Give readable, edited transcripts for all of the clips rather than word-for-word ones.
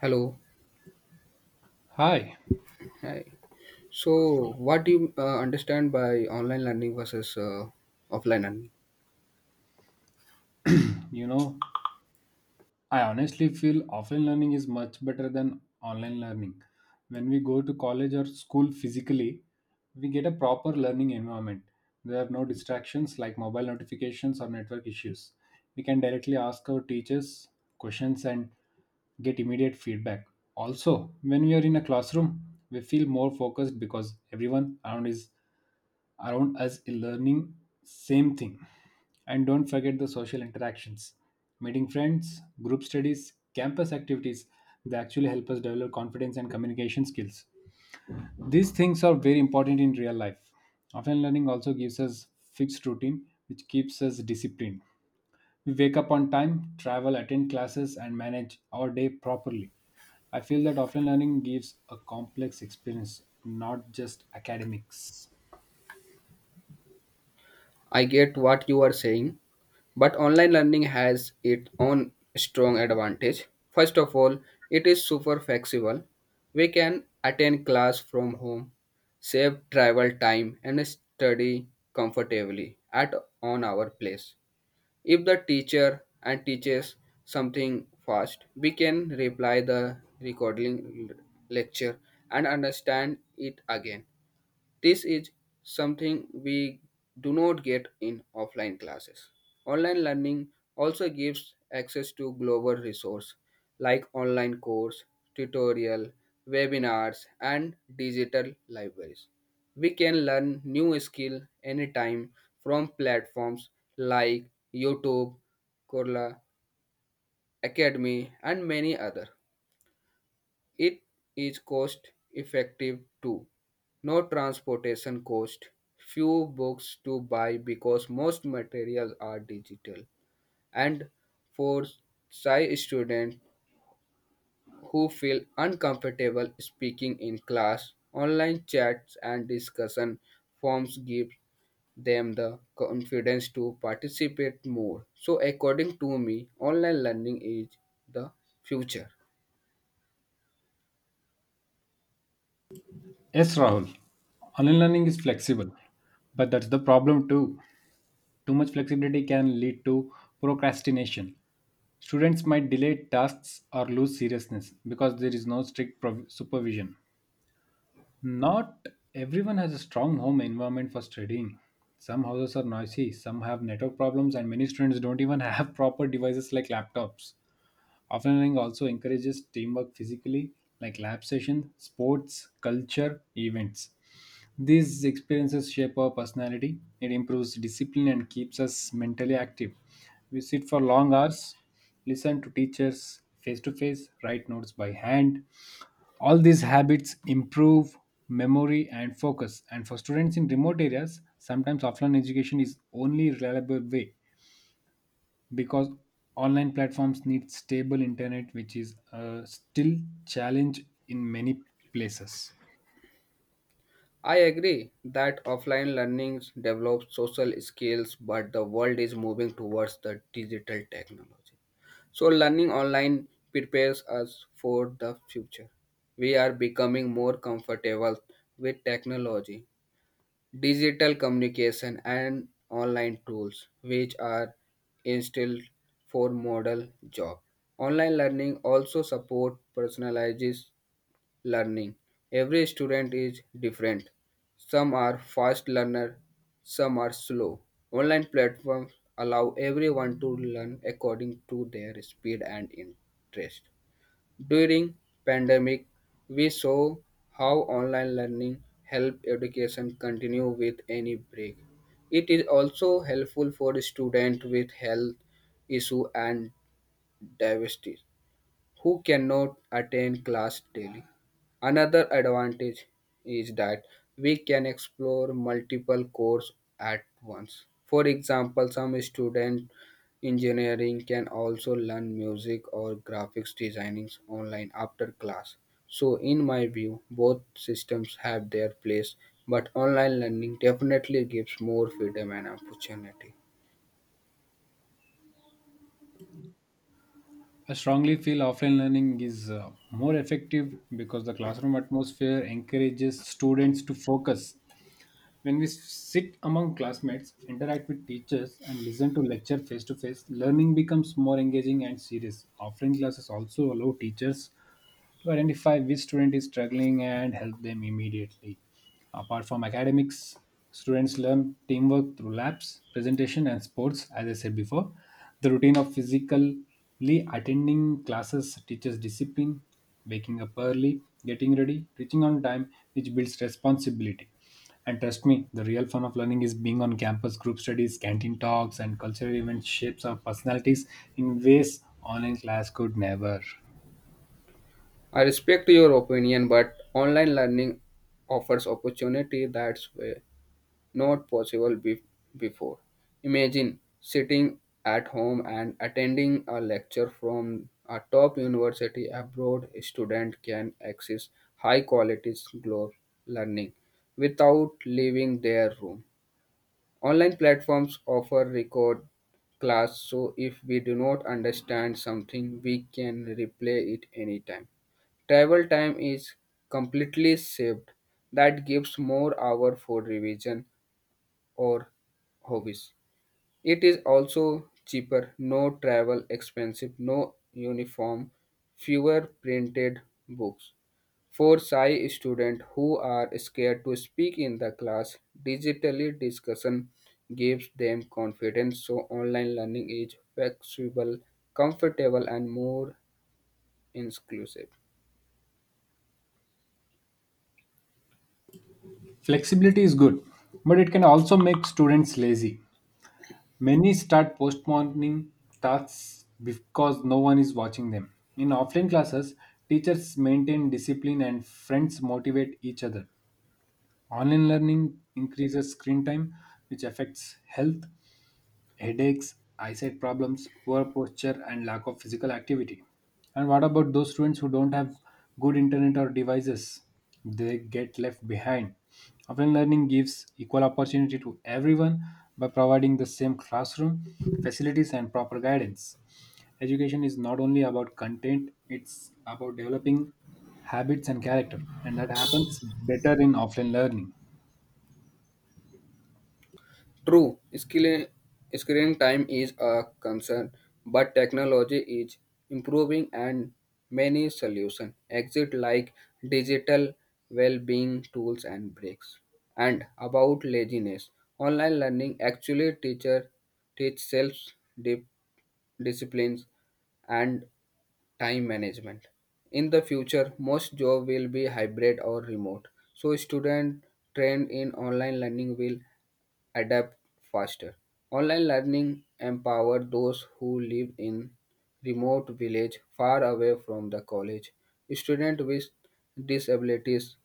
Hello. Hi, Hi. So, what do you understand by online learning versus offline learning? you know, I honestly feel offline learning is much better than online learning. When we go to college or school physically, we get a proper learning environment. There are no distractions like mobile notifications or network issues. We can directly ask our teachers questions and get immediate feedback. Also, when we are in a classroom, we feel more focused because everyone around us learning same thing. And don't forget the social interactions, meeting friends, group studies, campus activities, they actually help us develop confidence and communication skills. These things are very important in real life. Offline learning also gives us fixed routine which keeps us disciplined. We wake up on time, travel, attend classes and manage our day properly. I feel that offline learning gives a complex experience, not just academics. I get what you are saying, but online learning has its own strong advantage. First of all, it is super flexible. We can attend class from home, save travel time, and study comfortably at on our place. If the teacher and teaches something fast, we can reply the lecture and understand it again. This is something we do not get in offline classes. Online learning also gives access to global resources like online course, tutorial, webinars, and digital libraries. We can learn new skill anytime from platforms like YouTube, Korla, Academy, and many other. It is cost effective too. No transportation cost, few books to buy because most materials are digital. And for shy students who feel uncomfortable speaking in class, online chats and discussion forms give them the confidence to participate more. So according to me, online learning is the future. Yes, Rahul. Online learning is flexible, but that's the problem too. Too much flexibility can lead to procrastination. Students might delay tasks or lose seriousness because there is no strict supervision. Not everyone has a strong home environment for studying. Some houses are noisy, some have network problems, and many students don't even have proper devices like laptops. Offline learning also encourages teamwork physically, like lab sessions, sports, culture, events. These experiences shape our personality, it improves discipline and keeps us mentally active. We sit for long hours, listen to teachers face to face, write notes by hand. All these habits improve memory and focus. And for students in remote areas, sometimes offline education is only reliable way, because online platforms need stable internet, which is still challenge in many places. I agree that offline learning develops social skills, but the world is moving towards the digital technology. So, learning online prepares us for the future. We are becoming more comfortable with technology, digital communication, and online tools, which are instilled for model job. Online learning also support personalizes learning. Every student is different. Some are fast learner, some are slow. Online platforms allow everyone to learn according to their speed and interest. During pandemic, we saw how online learning helped education continue with any break. It is also helpful for students with health issue and diversity who cannot attend class daily. Another advantage is that we can explore multiple courses at once. For example, some student engineering can also learn music or graphics designing online after class. So in my view, both systems have their place, but online learning definitely gives more freedom and opportunity. I strongly feel offline learning is more effective because the classroom atmosphere encourages students to focus. When we sit among classmates, interact with teachers, and listen to lecture face to face, learning becomes more engaging and serious. Offline classes also allow teachers to identify which student is struggling and help them immediately. Apart from academics, students learn teamwork through labs, presentation, and sports, as I said before. The routine of physically attending classes teaches discipline, waking up early, getting ready, reaching on time, which builds responsibility. And trust me, the real fun of learning is being on campus, group studies, canteen talks, and cultural events shapes our personalities in ways online class could never. I respect your opinion, but online learning offers opportunity that were not possible before. Imagine sitting at home and attending a lecture from a top university abroad. Student can access high quality global learning without leaving their room. Online platforms offer record class, so if we do not understand something, we can replay it anytime. Travel time is completely saved. That gives more hour for revision or hobbies. It is also cheaper, no travel expensive, no uniform, fewer printed books. For Psi students who are scared to speak in the class, digitally discussion gives them confidence so online learning is flexible, comfortable and more inclusive. Flexibility is good, but it can also make students lazy. Many start postponing tasks because no one is watching them. In offline classes, teachers maintain discipline and friends motivate each other. Online learning increases screen time, which affects health, headaches, eyesight problems, poor posture, and lack of physical activity. And what about those students who don't have good internet or devices? They get left behind. Offline learning gives equal opportunity to everyone by providing the same classroom, facilities, and proper guidance. Education is not only about content, it's about developing habits and character, and that happens better in offline learning. True, screen time is a concern, but technology is improving and many solutions exist like digital well-being tools and breaks. And about laziness, online learning actually teach self disciplines and time management. In the future, most job will be hybrid or remote. So student trained in online learning will adapt faster. Online learning empowered those who live in remote village far away from the college. Students with disabilities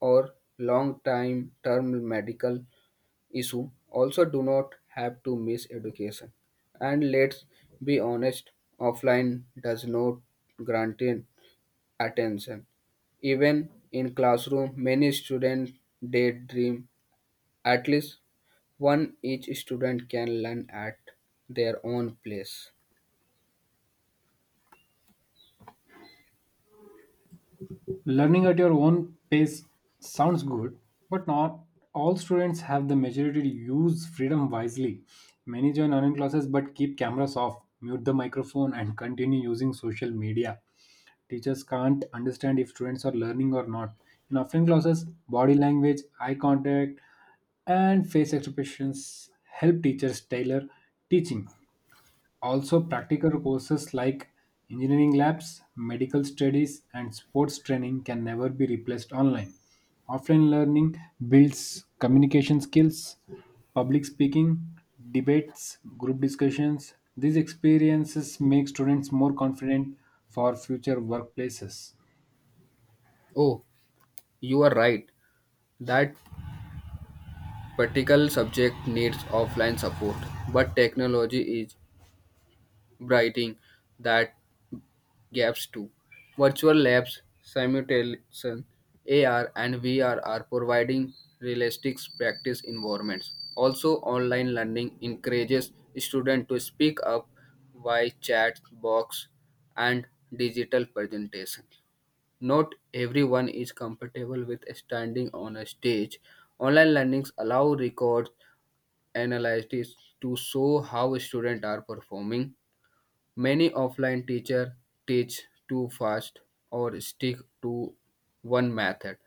or long time term medical issue also do not have to miss education. And let's be honest, offline does not guarantee attention. Even in classroom, many students daydream at least one each student can learn at their own place. Learning at your own pace sounds good, but not all students have the maturity to use freedom wisely. Many join online classes but keep cameras off, mute the microphone, and continue using social media. Teachers can't understand if students are learning or not. In offline classes, body language, eye contact, and face expressions help teachers tailor teaching. Also, practical courses like engineering labs, medical studies, and sports training can never be replaced online. Offline learning builds communication skills, public speaking, debates, group discussions. These experiences make students more confident for future workplaces. Oh, you are right. That particular subject needs offline support, but technology is brightening that gaps too. Virtual labs, simulation, AR, and VR are providing realistic practice environments. Also, online learning encourages students to speak up via chat box and digital presentation. Not everyone is comfortable with standing on a stage. Online learnings allow record analysis to show how students are performing. Many offline teachers teach too fast or stick to one method.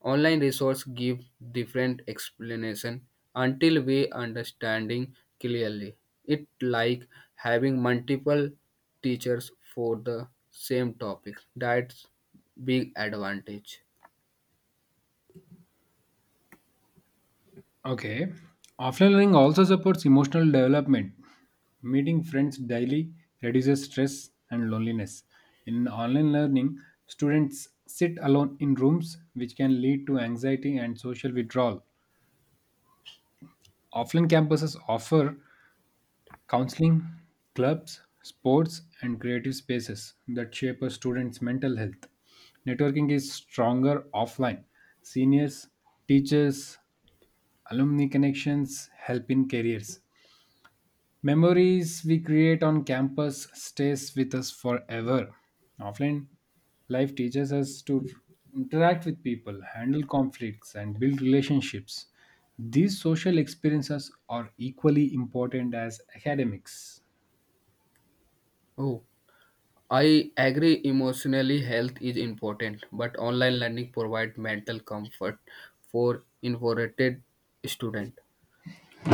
Online resources give different explanation until we understanding clearly. It like having multiple teachers for the same topic. That's big advantage. Okay. Offline learning also supports emotional development. Meeting friends daily reduces stress and loneliness. In online learning, students sit alone in rooms, which can lead to anxiety and social withdrawal. Offline campuses offer counseling, clubs, sports, and creative spaces that shape a student's mental health. Networking is stronger offline. Seniors, teachers, alumni connections help in careers. Memories we create on campus stays with us forever. Offline life teaches us to interact with people, handle conflicts and build relationships. These social experiences are equally important as academics. Oh, I agree emotionally health is important, but online learning provide mental comfort for introverted student.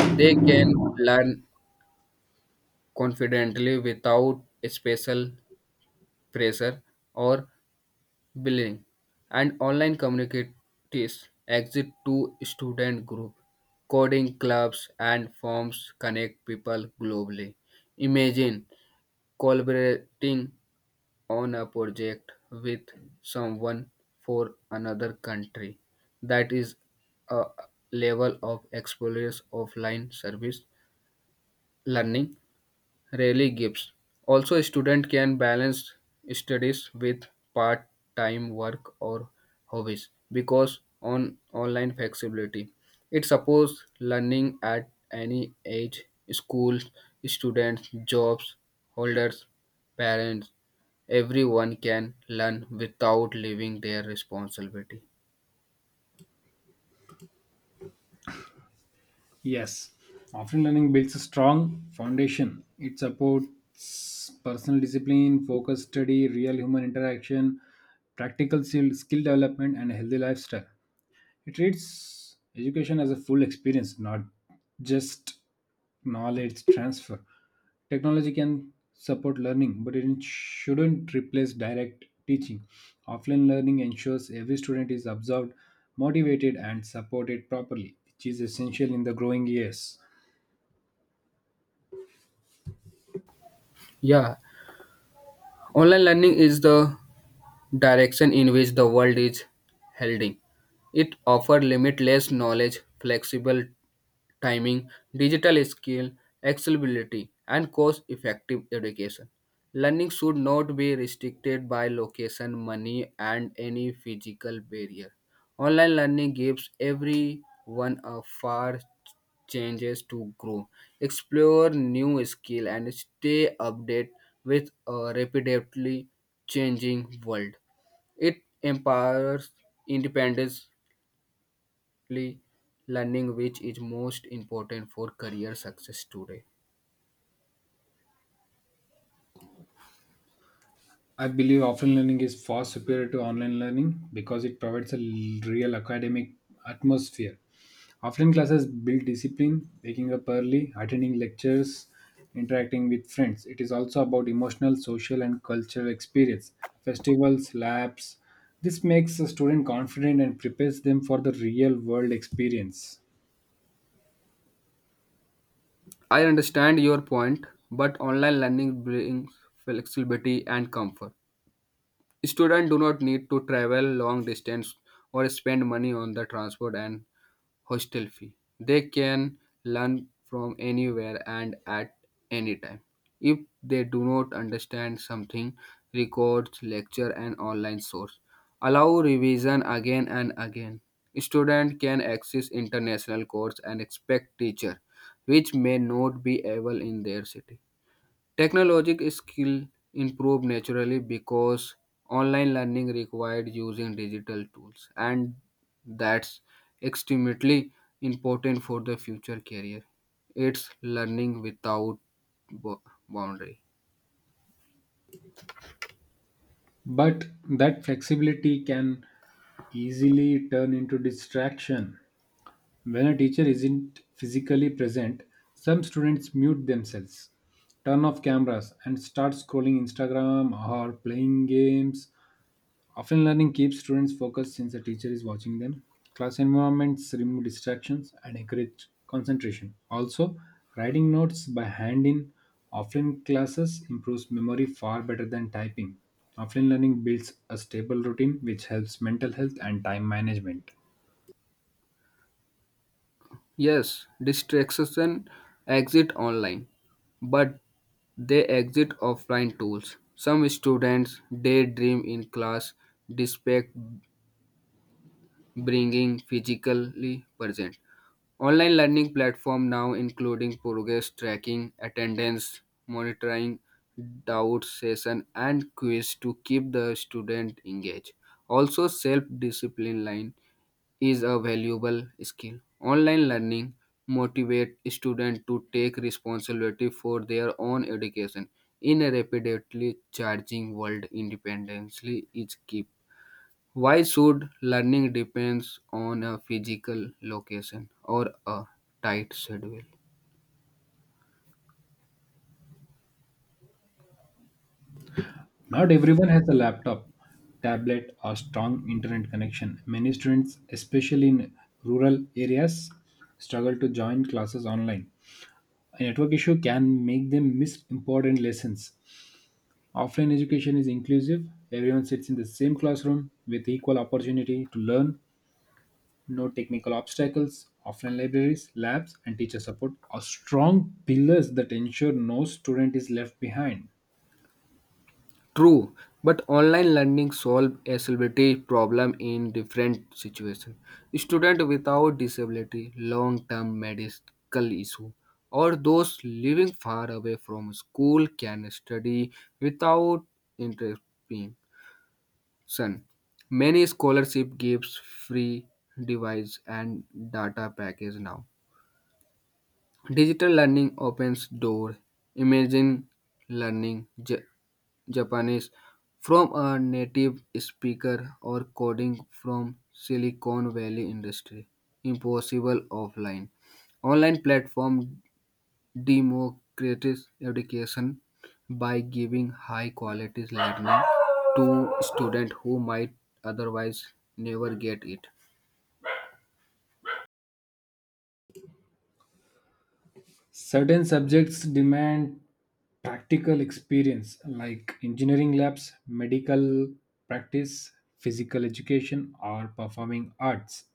They can learn confidently without special pressure or bullying. And online communities exist to student group, coding clubs and forums connect people globally. Imagine collaborating on a project with someone for another country. That is a level of explorers offline service learning rarely gives. Also, a student can balance studies with part time work or hobbies because on online flexibility. It supports learning at any age schools, students, jobs, holders, parents. Everyone can learn without leaving their responsibility. Yes, offline learning builds a strong foundation. It supports personal discipline, focused study, real human interaction, practical skill development and a healthy lifestyle. It treats education as a full experience, not just knowledge transfer. Technology can support learning, but it shouldn't replace direct teaching. Offline learning ensures every student is observed, motivated, and supported properly, which is essential in the growing years. Yeah, online learning is the direction in which the world is heading. It offers limitless knowledge, flexible timing, digital skill, accessibility, and cost effective education. Learning should not be restricted by location, money, and any physical barrier. Online learning gives everyone a far changes to grow, explore new skill, and stay updated with a rapidly changing world. It empowers independence learning which is most important for career success today. I believe offline learning is far superior to online learning because it provides a real academic atmosphere. Offline classes build discipline, waking up early, attending lectures, interacting with friends. It is also about emotional, social, and cultural experience, festivals, labs. This makes a student confident and prepares them for the real world experience. I understand your point, but online learning brings flexibility and comfort. Students do not need to travel long distance or spend money on the transport and hostel fee. They can learn from anywhere and at any time. If they do not understand something, records, lecture, and online source. Allow revision again and again. Student can access international course and expect teacher, which may not be able in their city. Technological skill improved naturally because online learning required using digital tools, and that's extremely important for the future career. It's learning without bo- boundary. But that flexibility can easily turn into distraction. When a teacher isn't physically present, some students mute themselves, turn off cameras, and start scrolling Instagram or playing games. Offline learning keeps students focused since the teacher is watching them. Class environments remove distractions and encourage concentration. Also, writing notes by hand in offline classes improves memory far better than typing. Offline learning builds a stable routine which helps mental health and time management. Yes, distraction exit online, but they exit offline tools. Some students daydream in class despite bringing physically present. Online learning platform now including progress tracking, attendance monitoring, doubt session and quiz to keep the student engaged. Also self-discipline line is a valuable skill. Online learning motivate students to take responsibility for their own education in a rapidly charging world independently is key. Why should learning depends on a physical location or a tight schedule? Not everyone has a laptop, tablet, or strong internet connection. Many students, especially in rural areas, struggle to join classes online. A network issue can make them miss important lessons. Offline education is inclusive, everyone sits in the same classroom with equal opportunity to learn, no technical obstacles. Offline libraries, labs, and teacher support are strong pillars that ensure no student is left behind. True, but online learning solve accessibility problem in different situations. Student without disability, long-term medical issue, or those living far away from school can study without interruption. Many scholarship gives free device and data package now. Digital learning opens door. Imagine learning Japanese from a native speaker or coding from Silicon Valley industry. Impossible offline. Online platform democratize education by giving high quality learning to students who might otherwise never get it. Certain subjects demand practical experience, like engineering labs, medical practice, physical education, or performing arts.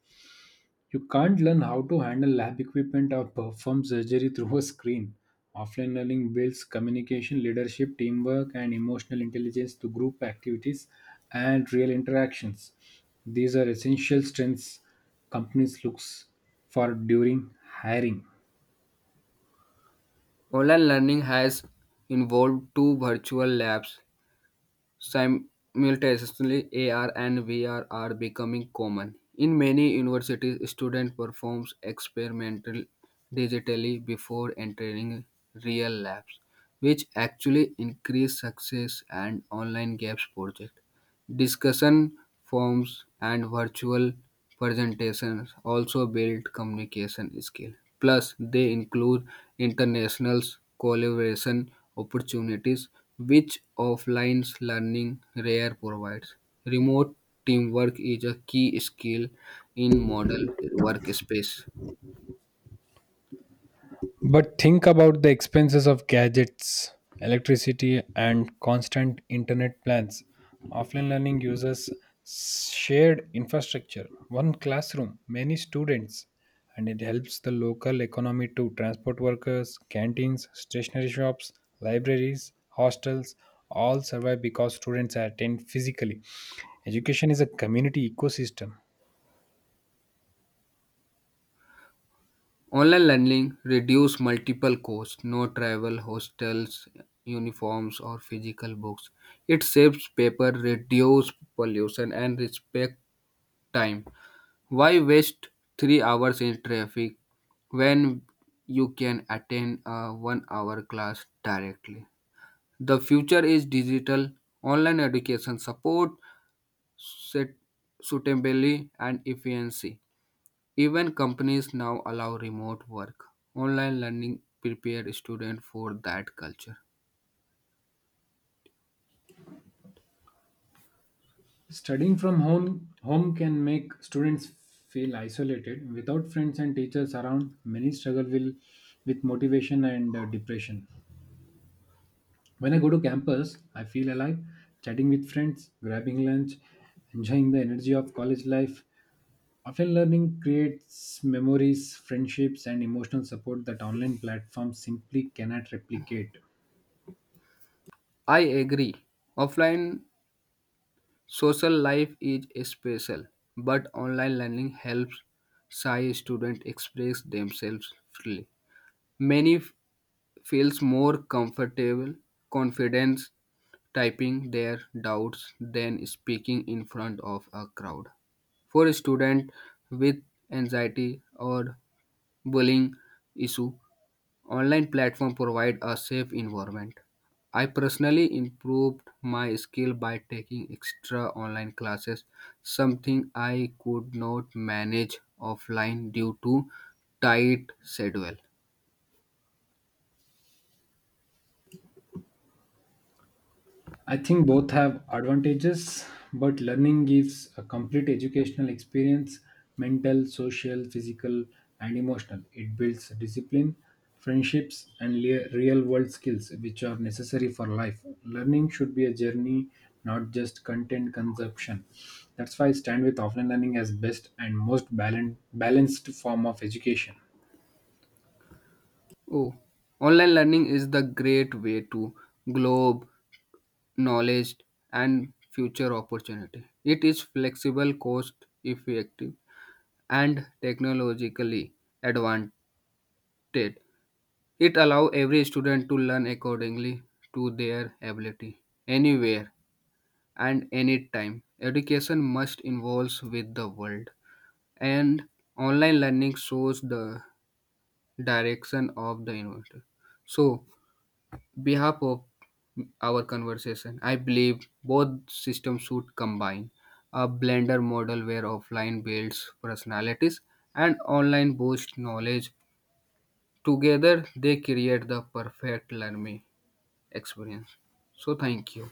You can't learn how to handle lab equipment or perform surgery through a screen. Offline learning builds communication, leadership, teamwork, and emotional intelligence through group activities and real interactions. These are essential strengths companies looks for during hiring. Online learning has involved two virtual labs. Simultaneously, AR and VR are becoming common. In many universities, students perform experimental digitally before entering real labs, which actually increase success and online gaps project. Discussion forms and virtual presentations also build communication skills. Plus, they include international collaboration opportunities, which offline learning rare provides. Remote teamwork is a key skill in modern workspace. But think about the expenses of gadgets, electricity, and constant internet plans. Offline learning uses shared infrastructure, one classroom, many students, and it helps the local economy to transport workers, canteens, stationery shops, libraries, hostels all survive because students attend physically. Education is a community ecosystem. Online learning reduce multiple costs, no travel, hostels, uniforms or physical books. It saves paper, reduce pollution and respect time. Why waste 3 hours in traffic when you can attend a 1 hour class directly? The future is digital. Online education support suitably and efficiency. Even companies now allow remote work. Online learning prepare students for that culture. Studying from home, can make students feel isolated. Without friends and teachers around, many with motivation and depression. When I go to campus, I feel alive, chatting with friends, grabbing lunch, enjoying the energy of college life. Offline learning creates memories, friendships, and emotional support that online platforms simply cannot replicate. I agree. Offline social life is special, but online learning helps shy students express themselves freely. Many feels more comfortable, confidence typing their doubts than speaking in front of a crowd. For a student with anxiety or bullying issue, online platforms provide a safe environment. I personally improved my skill by taking extra online classes, something I could not manage offline due to tight schedule. I think both have advantages, but learning gives a complete educational experience, mental, social, physical, and emotional. It builds discipline, friendships, and real world skills which are necessary for life. Learning should be a journey, not just content consumption. That's why I stand with offline learning as best and most balanced form of education. Oh, online learning is the great way to globe knowledge and future opportunity. It is flexible, cost effective, and technologically advantaged. It allows every student to learn accordingly to their ability, anywhere and anytime. Education must involve with the world, and online learning shows the direction of the innovator. So, behalf of our conversation, I believe both systems should combine a blender model where offline builds personalities and online boosts knowledge. Together, they create the perfect learning experience. So, thank you.